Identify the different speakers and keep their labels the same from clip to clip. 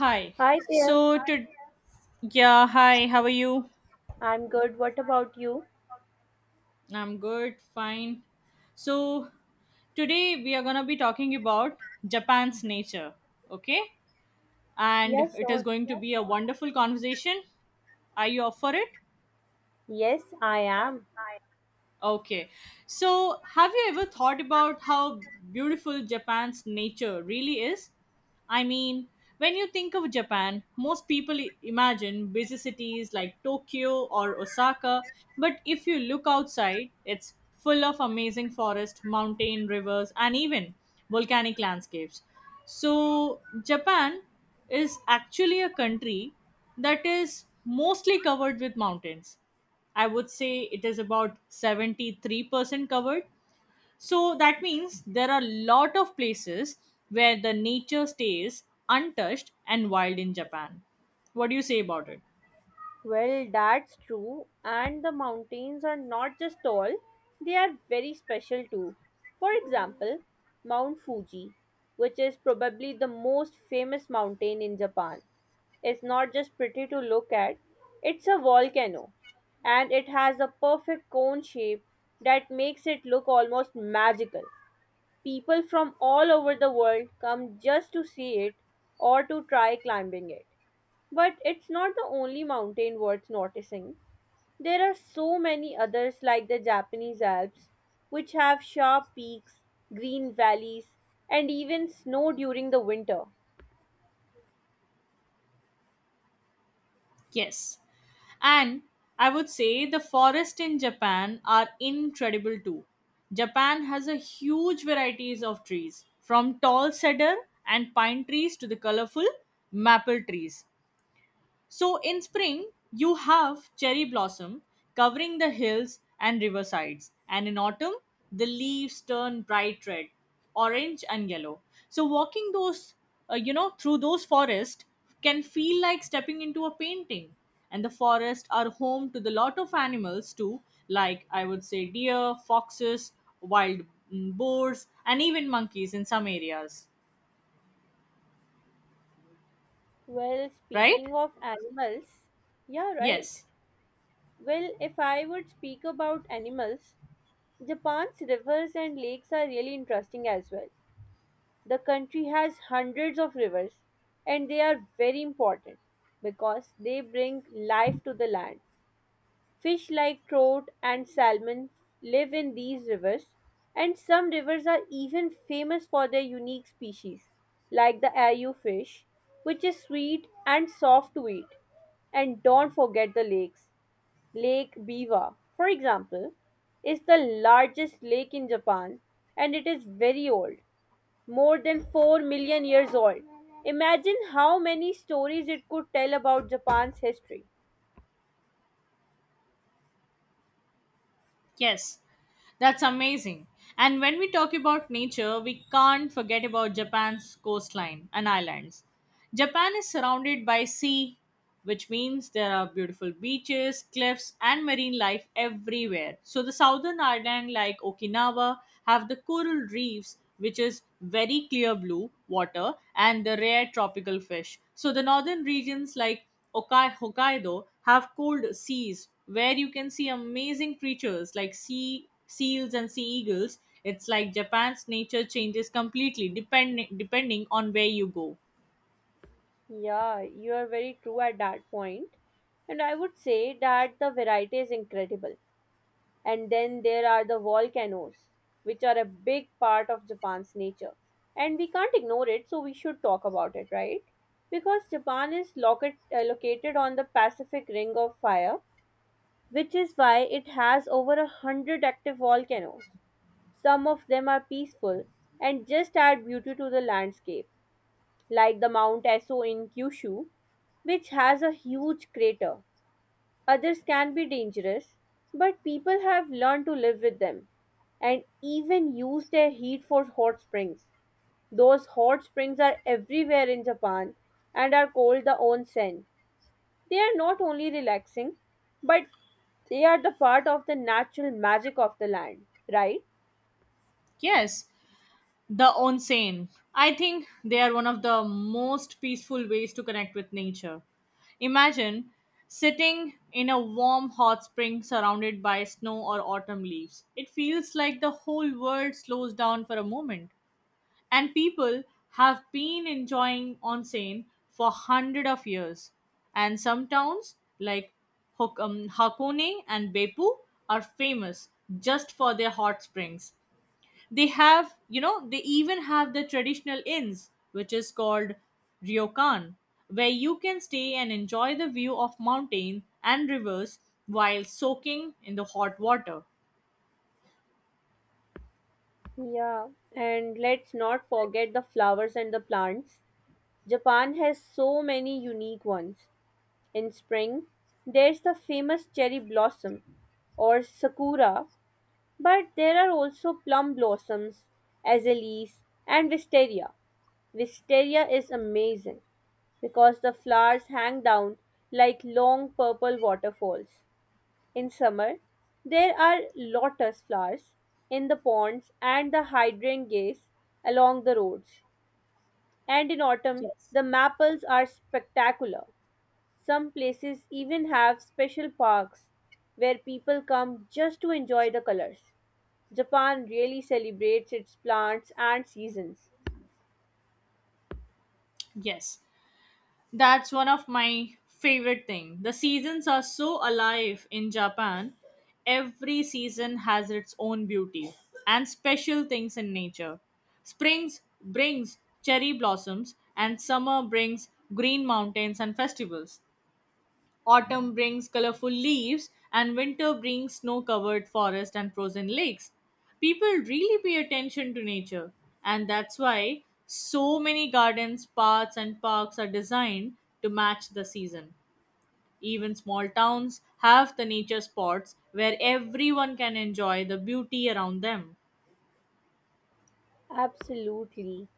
Speaker 1: Hi.
Speaker 2: Hi there.
Speaker 1: So Hi. How are you?
Speaker 2: I'm good. What about you?
Speaker 1: I'm good, fine. So today we are going to be talking about Japan's nature, okay?
Speaker 2: Yeah,
Speaker 1: And it is
Speaker 2: sure.
Speaker 1: going to be a wonderful conversation. Are you up for it?
Speaker 2: Yes, I am.
Speaker 1: Okay. So, have you ever thought about how beautiful Japan's nature really is? I mean, when you think of Japan, most people imagine busy cities like Tokyo or Osaka, but if you look outside, it's full of amazing forests, mountain, rivers, and even volcanic landscapes. So, Japan is actually a country that is mostly covered with mountains. I would say it is about 73% covered. So that means there are a lot of places where the nature stays untouched and wild in Japan. What do you say about it?
Speaker 2: Well, that's true. And the mountains are not just tall, they are very special too. For example, Mount Fuji, which is probably the most famous mountain in Japan, is not just pretty to look at, it's a volcano. And it has a perfect cone shape that makes it look almost magical. People from all over the world come just to see it or to try climbing it. But it's not the only mountain worth noticing. There are so many others like the Japanese Alps, which have sharp peaks, green valleys, and even snow during the winter.
Speaker 1: Yes. And I would say the forests in Japan are incredible too. Japan has a huge varieties of trees, from tall cedar and pine trees to the colorful maple trees. So in spring, you have cherry blossom covering the hills and riversides, and in autumn, the leaves turn bright red, orange, and yellow. So walking through those forests can feel like stepping into a painting. And the forests are home to the lot of animals too, like I would say deer, foxes, wild boars, and even monkeys in some areas.
Speaker 2: Well,
Speaker 1: Right?
Speaker 2: speaking of animals, yeah, right.
Speaker 1: Yes.
Speaker 2: Well, if I would speak about animals, Japan's rivers and lakes are really interesting as well. The country has hundreds of rivers, and they are very important because they bring life to the land. Fish like trout and salmon live in these rivers, and some rivers are even famous for their unique species, like the ayu fish, which is sweet and soft to eat. And don't forget the lakes. Lake Biwa, for example, is the largest lake in Japan and it is very old, more than 4 million years old. Imagine how many stories it could tell about Japan's history.
Speaker 1: Yes, that's amazing. And when we talk about nature, we can't forget about Japan's coastline and islands. Japan is surrounded by sea, which means there are beautiful beaches, cliffs, and marine life everywhere. So the southern island like Okinawa have the coral reefs, which is very clear blue water, and the rare tropical fish. So the northern regions like Hokkaido have cold seas where you can see amazing creatures like sea seals and sea eagles. It's like Japan's nature changes completely depending on where you go.
Speaker 2: Yeah, you are very true at that point. And I would say that the variety is incredible. And then there are the volcanoes, which are a big part of Japan's nature. And we can't ignore it, so we should talk about it, right? Because Japan is located on the Pacific Ring of Fire, which is why it has over a hundred active volcanoes. Some of them are peaceful and just add beauty to the landscape, like the Mount Esso in Kyushu, which has a huge crater. Others can be dangerous, but people have learned to live with them and even use their heat for hot springs. Those hot springs are everywhere in Japan and are called the onsen. They are not only relaxing, but they are the part of the natural magic of the land, right?
Speaker 1: Yes, the onsen. I think they are one of the most peaceful ways to connect with nature. Imagine sitting in a warm hot spring surrounded by snow or autumn leaves. It feels like the whole world slows down for a moment. And people have been enjoying onsen for hundred of years. And some towns like Hakone and Beppu are famous just for their hot springs. They even have the traditional inns, which is called ryokan, where you can stay and enjoy the view of mountains and rivers while soaking in the hot water.
Speaker 2: Yeah, and let's not forget the flowers and the plants. Japan has so many unique ones. In spring, there's the famous cherry blossom or sakura, but there are also plum blossoms, azaleas, and wisteria. Wisteria is amazing because the flowers hang down like long purple waterfalls. In summer, there are lotus flowers in the ponds and the hydrangeas along the roads. And in autumn,
Speaker 1: Yes.
Speaker 2: the maples are spectacular. Some places even have special parks where people come just to enjoy the colors. Japan really celebrates its plants and seasons.
Speaker 1: Yes. That's one of my favorite thing. The seasons are so alive in Japan. Every season has its own beauty and special things in nature. Springs brings cherry blossoms and summer brings green mountains and festivals. Autumn brings colorful leaves, and winter brings snow covered forests and frozen lakes. People really pay attention to nature, and that's why so many gardens, paths, and parks are designed to match the season. Even small towns have the nature spots where everyone can enjoy the beauty around them.
Speaker 2: Absolutely.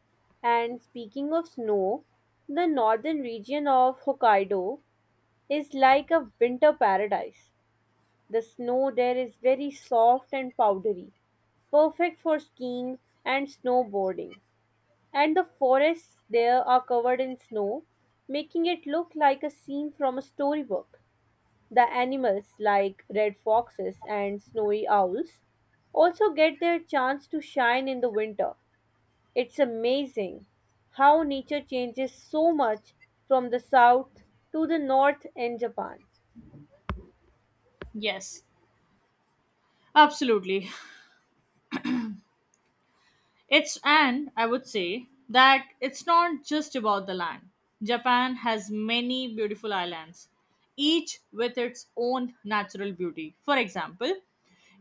Speaker 2: And speaking of snow, the northern region of Hokkaido is like a winter paradise. The snow there is very soft and powdery, perfect for skiing and snowboarding. And the forests there are covered in snow, making it look like a scene from a storybook. The animals, like red foxes and snowy owls, also get their chance to shine in the winter. It's amazing how nature changes so much from the south to the north in Japan.
Speaker 1: Yes, absolutely. It's and I would say that it's not just about the land. Japan has many beautiful islands, each with its own natural beauty. For example,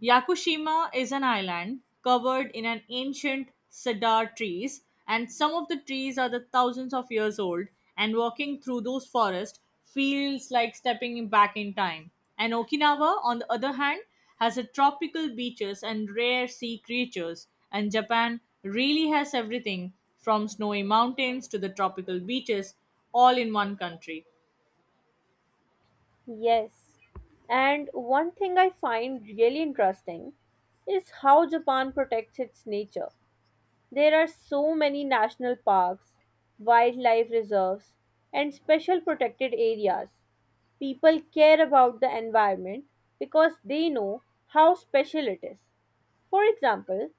Speaker 1: Yakushima is an island covered in an ancient cedar trees, and some of the trees are the thousands of years old. And walking through those forests feels like back in time. And Okinawa, on the other hand, has a tropical beaches and rare sea creatures. And Japan really has everything from snowy mountains to the tropical beaches, all in one country.
Speaker 2: Yes. And one thing I find really interesting is how Japan protects its nature. There are so many national parks, wildlife reserves, and special protected areas. People care about the environment because they know how special it is. For example,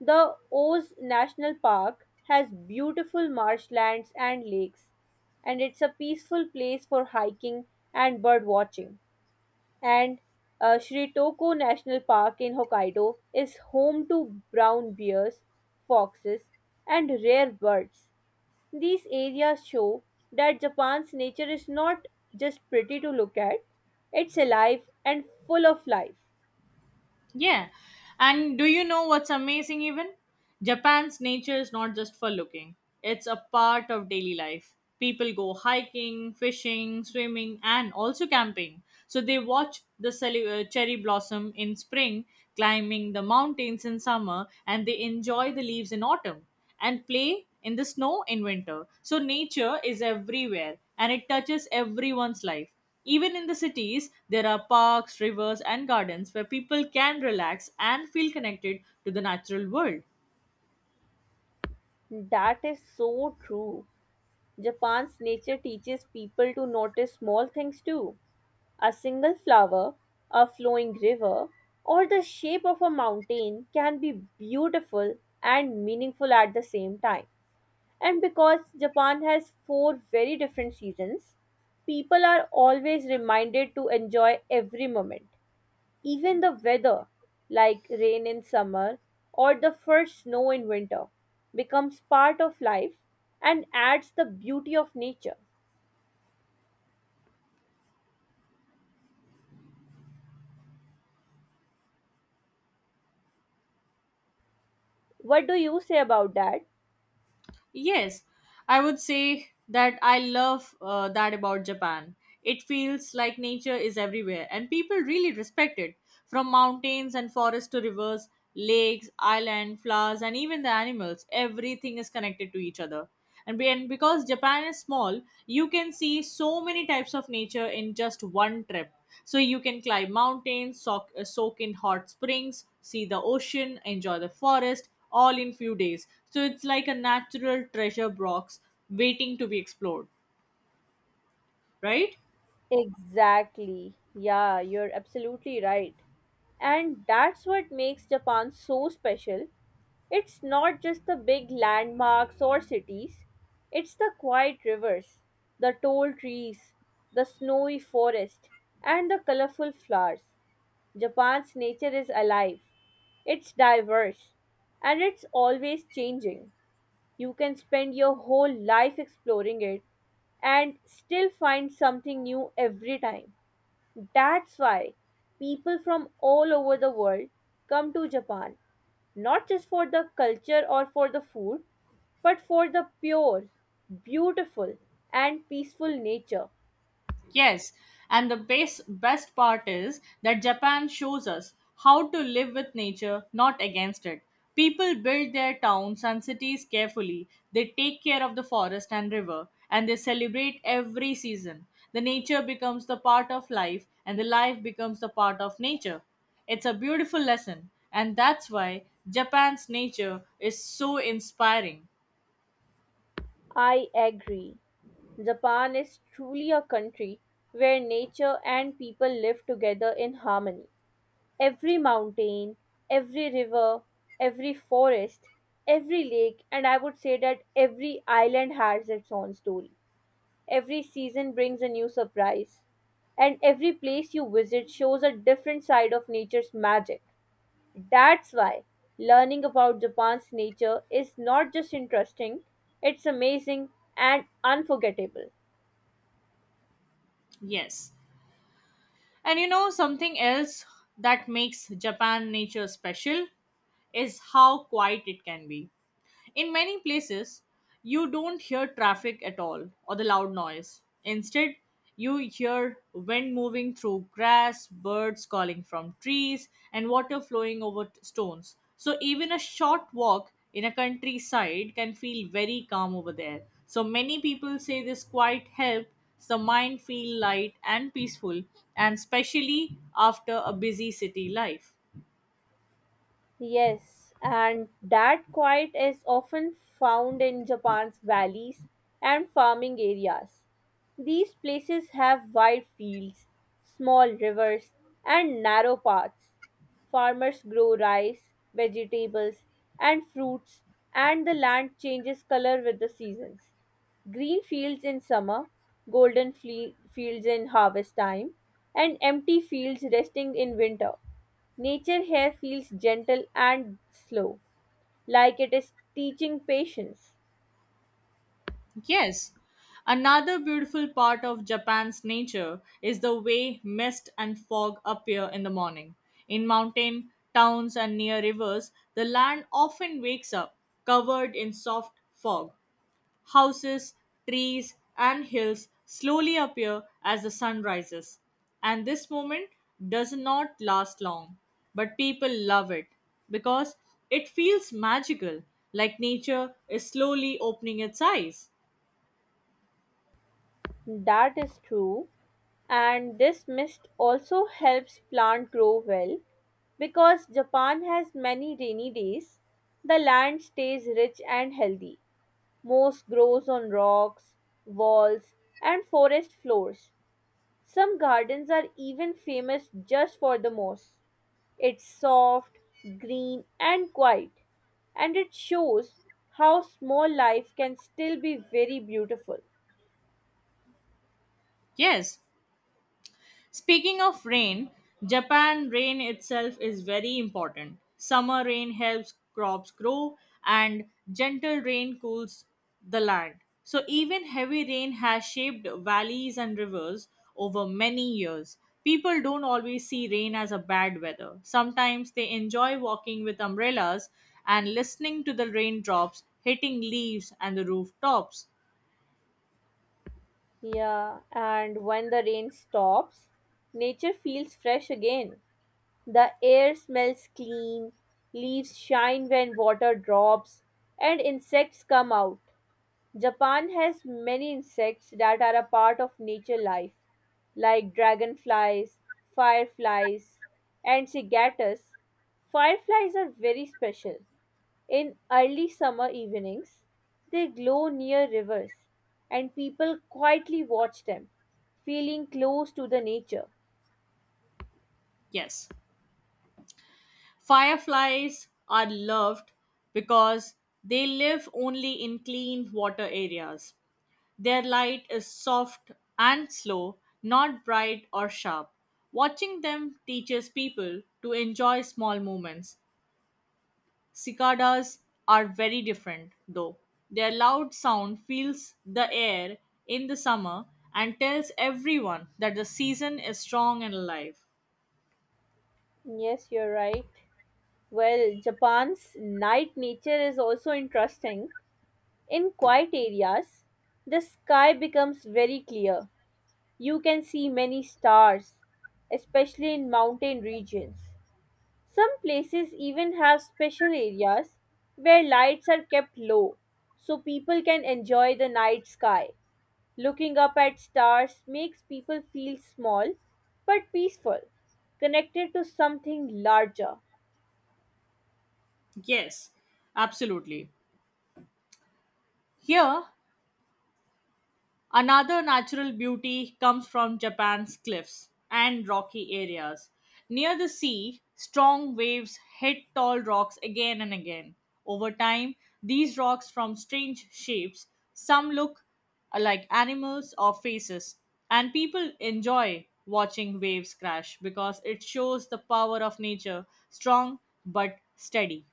Speaker 2: the Oz National Park has beautiful marshlands and lakes, and it's a peaceful place for hiking and bird watching, and Shirotoko National Park in Hokkaido is home to brown bears, foxes, and rare birds. These areas show that Japan's nature is not just pretty to look at, it's alive and full of life.
Speaker 1: Yeah. And do you know what's amazing even? Japan's nature is not just for looking. It's a part of daily life. People go hiking, fishing, swimming and also camping. So they watch the cherry blossom in spring, climbing the mountains in summer and they enjoy the leaves in autumn and play in the snow in winter. So nature is everywhere and it touches everyone's life. Even in the cities, there are parks, rivers, and gardens where people can relax and feel connected to the natural world.
Speaker 2: That is so true. Japan's nature teaches people to notice small things too. A single flower, a flowing river, or the shape of a mountain can be beautiful and meaningful at the same time. And because Japan has four very different seasons, people are always reminded to enjoy every moment. Even the weather, like rain in summer or the first snow in winter, becomes part of life and adds the beauty of nature. What do you say about that?
Speaker 1: Yes, I would say that I love that about Japan. It feels like nature is everywhere and people really respect it. From mountains and forests to rivers, lakes, island, flowers, and even the animals, everything is connected to each other. And because Japan is small, you can see so many types of nature in just one trip. So you can climb mountains, soak in hot springs, see the ocean, enjoy the forest, all in few days. So it's like a natural treasure box waiting to be explored, right?
Speaker 2: Exactly. Yeah, you're absolutely right. And that's what makes Japan so special. It's not just the big landmarks or cities, it's the quiet rivers, the tall trees, the snowy forest, and the colorful flowers. Japan's nature is alive, it's diverse, and it's always changing. You can spend your whole life exploring it and still find something new every time. That's why people from all over the world come to Japan, not just for the culture or for the food, but for the pure, beautiful, and peaceful nature.
Speaker 1: Yes, and the best part is that Japan shows us how to live with nature, not against it. People build their towns and cities carefully. They take care of the forest and river, and they celebrate every season. The nature becomes the part of life, and the life becomes the part of nature. It's a beautiful lesson, and that's why Japan's nature is so inspiring.
Speaker 2: I agree. Japan is truly a country where nature and people live together in harmony. Every mountain, every river, every forest, every lake, and I would say that every island has its own story. Every season brings a new surprise, and every place you visit shows a different side of nature's magic. That's why learning about Japan's nature is not just interesting, it's amazing and unforgettable.
Speaker 1: Yes. And you know, something else that makes Japan nature special is how quiet it can be. In many places, you don't hear traffic at all or the loud noise. Instead, you hear wind moving through grass, birds calling from trees, and water flowing over stones. So, even a short walk in a countryside can feel very calm over there. So, many people say this quiet helps the mind feel light and peaceful, and especially after a busy city life.
Speaker 2: Yes, and that quiet is often found in Japan's valleys and farming areas. These places have wide fields, small rivers, and narrow paths. Farmers grow rice, vegetables, and fruits, and the land changes color with the seasons. Green fields in summer, golden fields in harvest time, and empty fields resting in winter. Nature here feels gentle and slow, like it is teaching patience.
Speaker 1: Yes, another beautiful part of Japan's nature is the way mist and fog appear in the morning. In mountain towns and near rivers, the land often wakes up covered in soft fog. Houses, trees, and hills slowly appear as the sun rises. And this moment does not last long, but people love it because it feels magical, like nature is slowly opening its eyes.
Speaker 2: That is true, and this mist also helps plant grow well. Because Japan has many rainy days, the land stays rich and healthy. Most grows on rocks, walls, and forest floors. Some gardens are even famous just for the moss. It's soft, green, and quiet, and it shows how small life can still be very beautiful.
Speaker 1: Yes. Speaking of rain, Japan rain itself is very important. Summer rain helps crops grow and gentle rain cools the land. So even heavy rain has shaped valleys and rivers over many years. People don't always see rain as a bad weather. Sometimes they enjoy walking with umbrellas and listening to the raindrops hitting leaves and the rooftops.
Speaker 2: Yeah, and when the rain stops, nature feels fresh again. The air smells clean, leaves shine when water drops, and insects come out. Japan has many insects that are a part of nature life, like dragonflies, fireflies, and cicadas. Fireflies are very special. In early summer evenings, they glow near rivers, and people quietly watch them, feeling close to the nature.
Speaker 1: Yes. Fireflies are loved because they live only in clean water areas. Their light is soft and slow, not bright or sharp. Watching them teaches people to enjoy small moments. Cicadas are very different, though. Their loud sound fills the air in the summer and tells everyone that the season is strong and alive.
Speaker 2: Yes, you're right. Well, Japan's night nature is also interesting. In quiet areas, the sky becomes very clear. You can see many stars, especially in mountain regions. Some places even have special areas where lights are kept low so people can enjoy the night sky. Looking up at stars makes people feel small but peaceful, connected to something larger.
Speaker 1: Yes, absolutely. Here, another natural beauty comes from Japan's cliffs and rocky areas. Near the sea, strong waves hit tall rocks again and again. Over time, these rocks form strange shapes. Some look like animals or faces, and people enjoy watching waves crash because it shows the power of nature, strong but steady.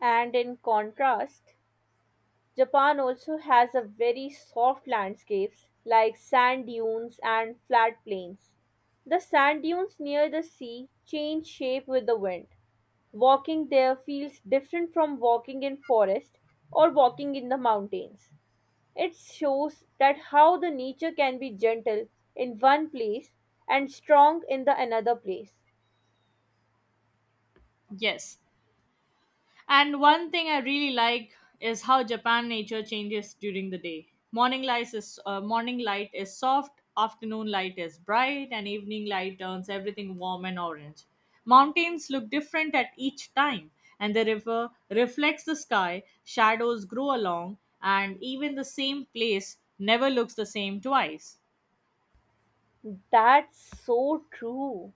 Speaker 2: And in contrast, Japan also has a very soft landscapes like sand dunes and flat plains. The sand dunes near the sea change shape with the wind. Walking there feels different from walking in forest or walking in the mountains. It shows that how the nature can be gentle in one place and strong in the another place.
Speaker 1: Yes, and one thing I really like is how Japan nature changes during the day. Morning light is soft, afternoon light is bright, and evening light turns everything warm and orange. Mountains look different at each time, and the river reflects the sky, shadows grow along, and even the same place never looks the same twice.
Speaker 2: That's so true.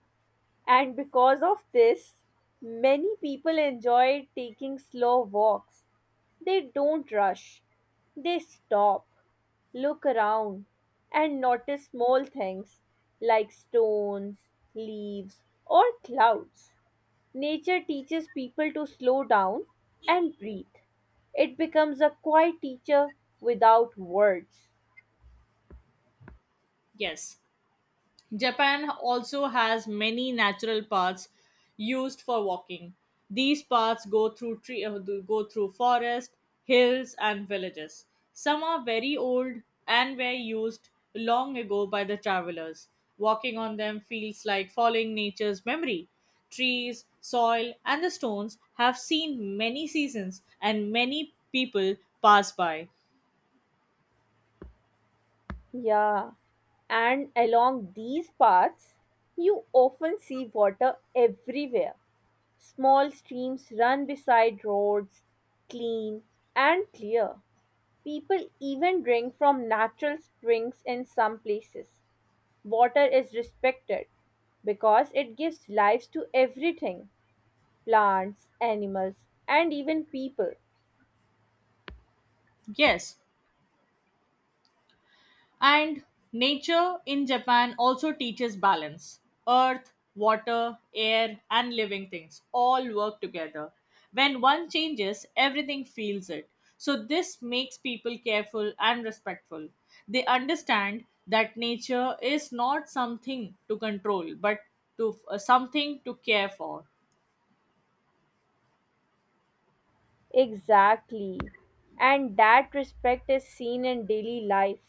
Speaker 2: And because of this, many people enjoy taking slow walks. They don't rush. They stop, look around, and notice small things like stones, leaves, or clouds. Nature teaches people to slow down and breathe. It becomes a quiet teacher without words.
Speaker 1: Yes, Japan also has many natural paths used for walking. These paths go through forest, hills, and villages. Some are very old and were used long ago by the travelers. Walking on them feels like following nature's memory. Trees, soil, and the stones have seen many seasons, and many people pass by.
Speaker 2: Yeah, and along these paths, you often see water everywhere. Small streams run beside roads, clean and clear. People even drink from natural springs in some places. Water is respected because it gives life to everything, plants, animals, and even people.
Speaker 1: Yes, and nature in Japan also teaches balance. Earth, water, air, and living things all work together. When one changes, everything feels it. So, this makes people careful and respectful. They understand that nature is not something to control, but to something to care for.
Speaker 2: Exactly. And that respect is seen in daily life.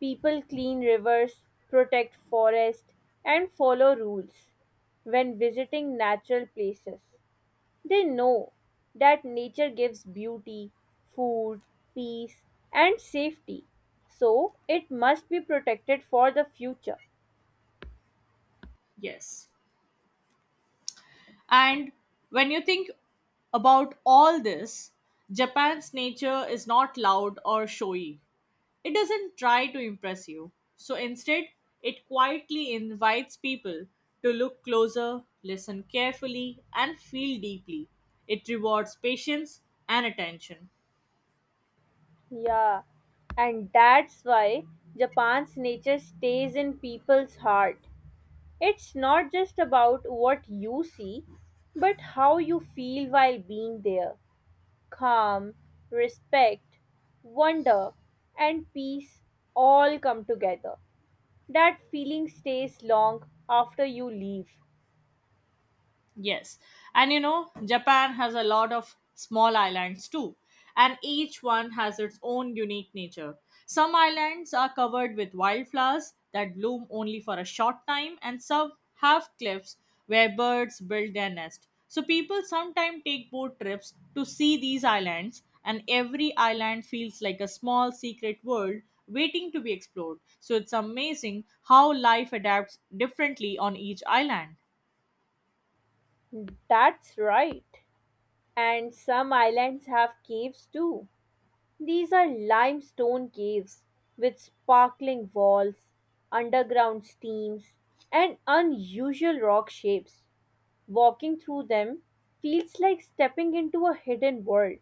Speaker 2: People clean rivers, protect forests, and follow rules when visiting natural places. They know that nature gives beauty, food, peace, and safety, so it must be protected for the future.
Speaker 1: Yes. And when you think about all this, Japan's nature is not loud or showy. It doesn't try to impress you. So instead, it quietly invites people to look closer, listen carefully, and feel deeply. It rewards patience and attention.
Speaker 2: Yeah, and that's why Japan's nature stays in people's heart. It's not just about what you see, but how you feel while being there. Calm, respect, wonder, and peace all come together. That feeling stays long after you leave.
Speaker 1: Yes. And you know, Japan has a lot of small islands too, and each one has its own unique nature. Some islands are covered with wildflowers that bloom only for a short time, and some have cliffs where birds build their nest. So people sometimes take boat trips to see these islands, and every island feels like a small secret world waiting to be explored. So it's amazing how life adapts differently on each island.
Speaker 2: That's right. And some islands have caves too. These are limestone caves with sparkling walls, underground steams, and unusual rock shapes. Walking through them feels like stepping into a hidden world.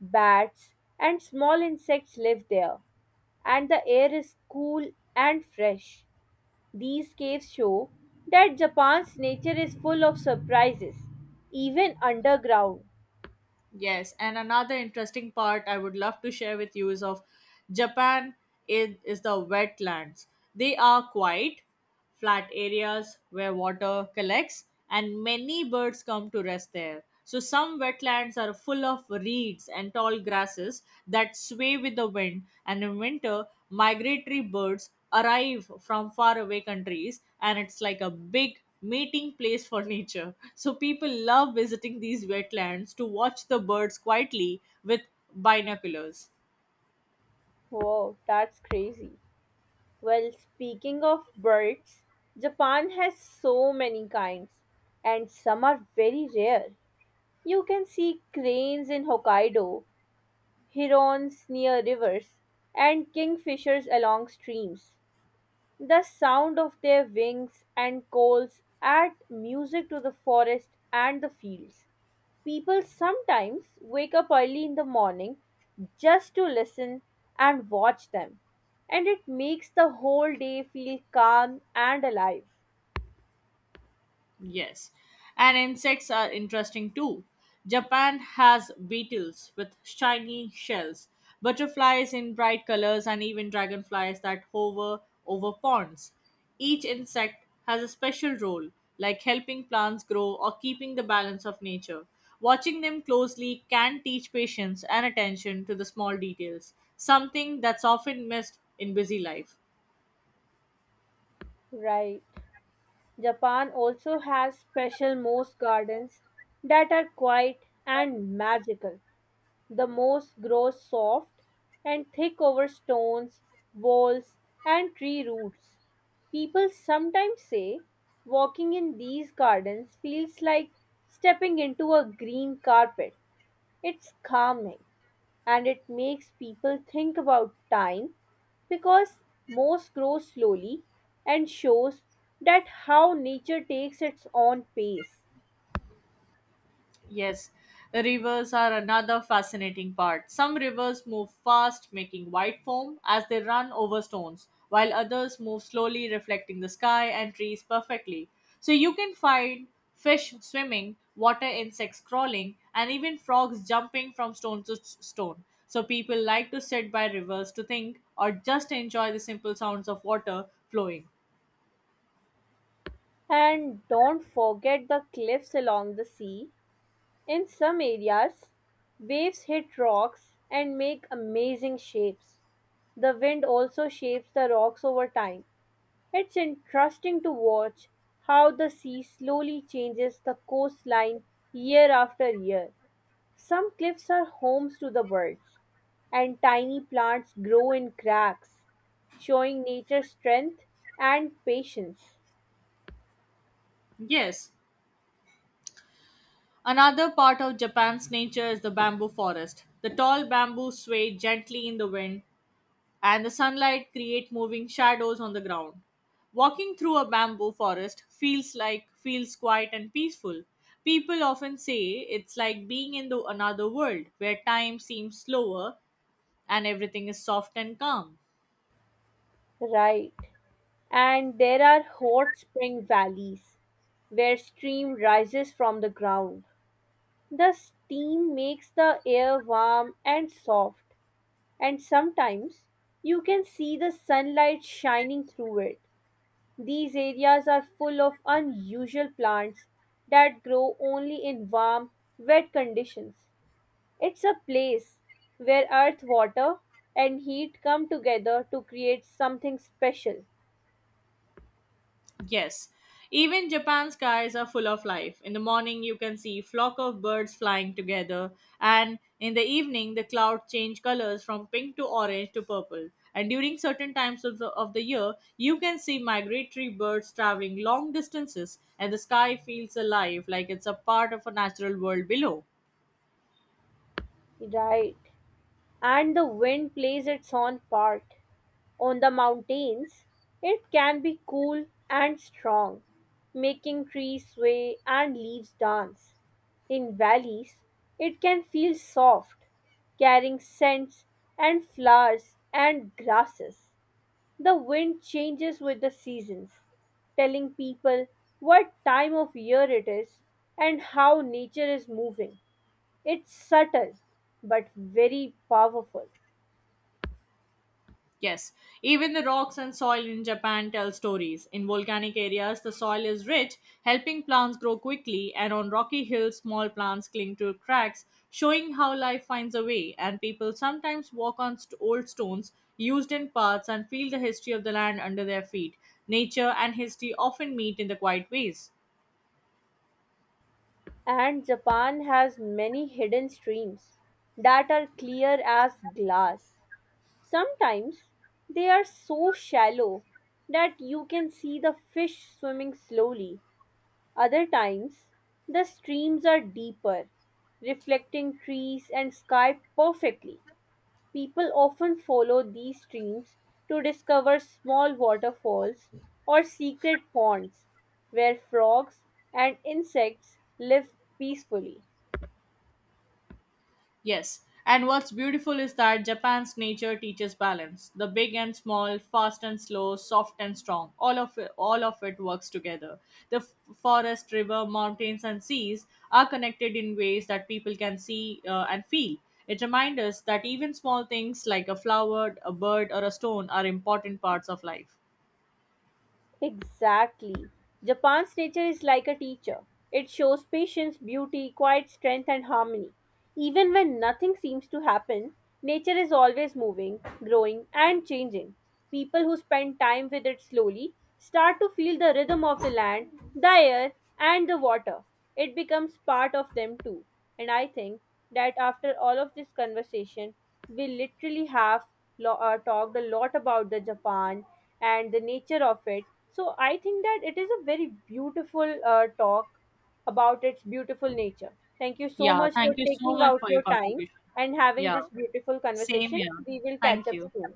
Speaker 2: Bats and small insects live there, and the air is cool and fresh. These caves show that Japan's nature is full of surprises, even underground.
Speaker 1: Yes, and another interesting part I would love to share with you is of Japan is the wetlands. They are quiet, flat areas where water collects, and many birds come to rest there. So some wetlands are full of reeds and tall grasses that sway with the wind, and in winter migratory birds arrive from faraway countries and it's like a big mating place for nature. So people love visiting these wetlands to watch the birds quietly with binoculars.
Speaker 2: Wow, that's crazy. Well, speaking of birds, Japan has so many kinds, and some are very rare. You can see cranes in Hokkaido, herons near rivers, and kingfishers along streams. The sound of their wings and calls add music to the forest and the fields. People sometimes wake up early in the morning just to listen and watch them, and it makes the whole day feel calm and alive.
Speaker 1: Yes, and insects are interesting too. Japan has beetles with shiny shells, butterflies in bright colors, and even dragonflies that hover over ponds. Each insect has a special role, like helping plants grow or keeping the balance of nature. Watching them closely can teach patience and attention to the small details, something that's often missed in busy life.
Speaker 2: Right. Japan also has special moss gardens that are quiet and magical. The moss grows soft and thick over stones, walls, and tree roots. People sometimes say walking in these gardens feels like stepping into a green carpet. It's calming and it makes people think about time because moss grows slowly and shows that how nature takes its own pace.
Speaker 1: Yes, rivers are another fascinating part. Some rivers move fast, making white foam as they run over stones, while others move slowly, reflecting the sky and trees perfectly. So you can find fish swimming, water insects crawling, and even frogs jumping from stone. So people like to sit by rivers to think or just enjoy the simple sounds of water flowing.
Speaker 2: And don't forget the cliffs along the sea. In some areas, waves hit rocks and make amazing shapes. The wind also shapes the rocks over time. It's interesting to watch how the sea slowly changes the coastline year after year. Some cliffs are homes to the birds, and tiny plants grow in cracks, showing nature's strength and patience.
Speaker 1: Yes, another part of Japan's nature is the bamboo forest. The tall bamboo sway gently in the wind, and the sunlight create moving shadows on the ground. Walking through a bamboo forest feels quiet and peaceful. People often say it's like being in the another world where time seems slower and everything is soft and calm.
Speaker 2: Right. And there are hot spring valleys where steam rises from the ground. The steam makes the air warm and soft, and sometimes you can see the sunlight shining through it. These areas are full of unusual plants that grow only in warm, wet conditions. It's a place where earth, water, and heat come together to create something special.
Speaker 1: Yes. Even Japan's skies are full of life. In the morning, you can see flock of birds flying together, and in the evening, the clouds change colors from pink to orange to purple. And during certain times of the year, you can see migratory birds traveling long distances, and the sky feels alive like it's a part of a natural world below.
Speaker 2: Right. And the wind plays its own part. On the mountains, it can be cool and strong, making trees sway and leaves dance. In valleys, it can feel soft, carrying scents and flowers and grasses. The wind changes with the seasons, telling people what time of year it is and how nature is moving. It's subtle but very powerful.
Speaker 1: Yes, even the rocks and soil in Japan tell stories. In volcanic areas, the soil is rich, helping plants grow quickly, and on rocky hills, small plants cling to cracks, showing how life finds a way. And people sometimes walk on old stones used in paths and feel the history of the land under their feet. Nature and history often meet in the quiet ways.
Speaker 2: And Japan has many hidden streams that are clear as glass. Sometimes they are so shallow that you can see the fish swimming slowly. Other times, the streams are deeper, reflecting trees and sky perfectly. People often follow these streams to discover small waterfalls or secret ponds where frogs and insects live peacefully.
Speaker 1: Yes, and what's beautiful is that Japan's nature teaches balance. The big and small, fast and slow, soft and strong, all of it works together. The forest, river, mountains and seas are connected in ways that people can see and feel. It reminds us that even small things like a flower, a bird or a stone are important parts of life.
Speaker 2: Exactly. Japan's nature is like a teacher. It shows patience, beauty, quiet strength, and harmony. Even when nothing seems to happen, nature is always moving, growing, and changing. People who spend time with it slowly start to feel the rhythm of the land, the air, and the water. It becomes part of them too. And I think that after all of this conversation, we literally have talked a lot about the Japan and the nature of it, so I think that it is a very beautiful talk about its beautiful nature. Thank you so
Speaker 1: Yeah,
Speaker 2: much for
Speaker 1: thank you so
Speaker 2: taking
Speaker 1: much
Speaker 2: out
Speaker 1: for your
Speaker 2: your time
Speaker 1: contribution.
Speaker 2: and having
Speaker 1: Yeah,
Speaker 2: this beautiful
Speaker 1: same
Speaker 2: conversation.
Speaker 1: here.
Speaker 2: We will catch
Speaker 1: Thank
Speaker 2: up
Speaker 1: you.
Speaker 2: soon.